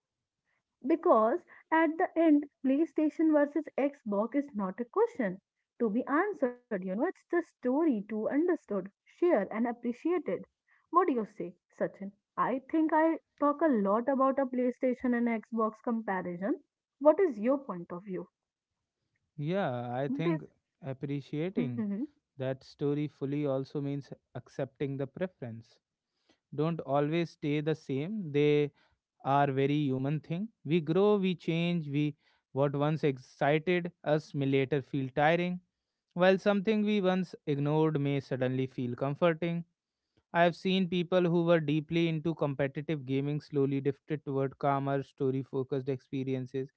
Speaker 2: Because at the end, PlayStation versus Xbox is not a question to be answered, it's the story to understood, share, and appreciated. What do you say, Sachin? I think I talk a lot about a PlayStation and Xbox comparison. What is your point of view?
Speaker 1: Yeah, I
Speaker 2: What is-
Speaker 1: think appreciating
Speaker 2: Mhm.
Speaker 1: that story fully also means accepting the preference. Don't always stay the same. They are very human thing. We grow, we change, we what once excited us may later feel tiring, while something we once ignored may suddenly feel comforting. I have seen people who were deeply into competitive gaming slowly drifted toward calmer, story focused experiences.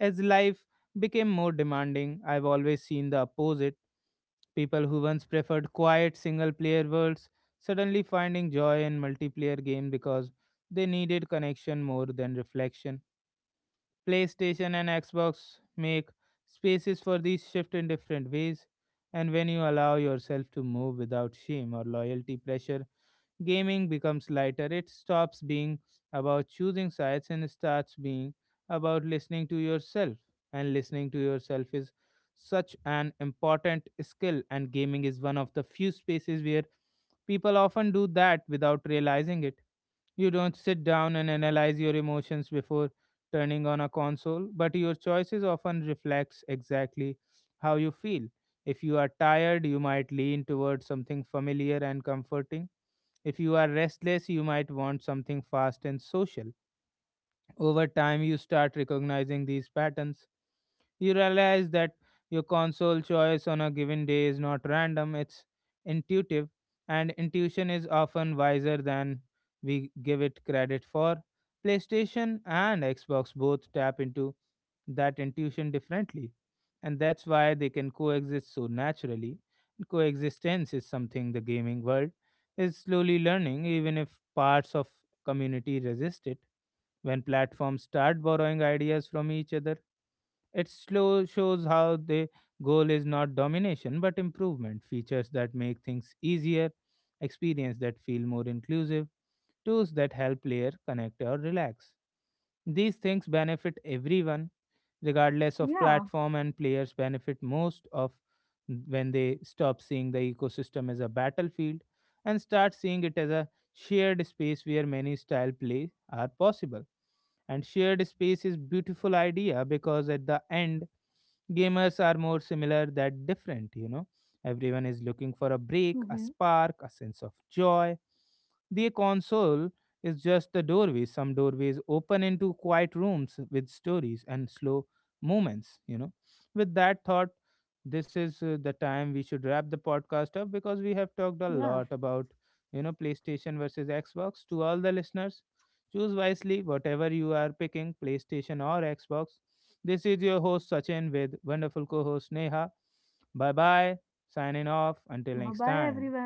Speaker 1: As life became more demanding, I've always seen the opposite. People who once preferred quiet single player worlds suddenly finding joy in multiplayer games because they needed connection more than reflection. PlayStation and Xbox make spaces for these shift in different ways, and when you allow yourself to move without shame or loyalty pressure, gaming becomes lighter. It stops being about choosing sides and starts being about listening to yourself. And listening to yourself is such an important skill, and gaming is one of the few spaces where people often do that without realizing it. You don't sit down and analyze your emotions before turning on a console, but your choices often reflects exactly how you feel. If you are tired, you might lean towards something familiar and comforting. If you are restless, you might want something fast and social. Over time, you start recognizing these patterns. You realize that your console choice on a given day is not random, it's intuitive, and intuition is often wiser than we give it credit for. PlayStation and Xbox both tap into that intuition differently, and that's why they can coexist so naturally. Coexistence is something the gaming world is slowly learning, even if parts of community resist it. When platforms start borrowing ideas from each other, it slow shows how the goal is not domination but improvement, features that make things easier, experience that feel more inclusive, tools that help player connect or relax. These things benefit everyone, regardless of
Speaker 2: Yeah.
Speaker 1: platform, and players benefit most of when they stop seeing the ecosystem as a battlefield and start seeing it as a shared space where many style play are possible. And shared space is beautiful idea, because at the end gamers are more similar than different, you know. Everyone is looking for a
Speaker 2: Hmm.
Speaker 1: break, a spark, a sense of joy. The console is just the doorway. Some doorways open into quiet rooms with stories and slow movements, you know. With that thought, this is the time we should wrap the podcast up because we have talked a
Speaker 2: Yeah.
Speaker 1: lot about, you know, PlayStation versus Xbox. To all the listeners, choose wisely whatever you are picking, PlayStation or Xbox. This is your host Sachin with wonderful co host Neha. Bye bye, signing off.
Speaker 2: Bye
Speaker 1: Until next
Speaker 2: bye,
Speaker 1: time.
Speaker 2: everyone.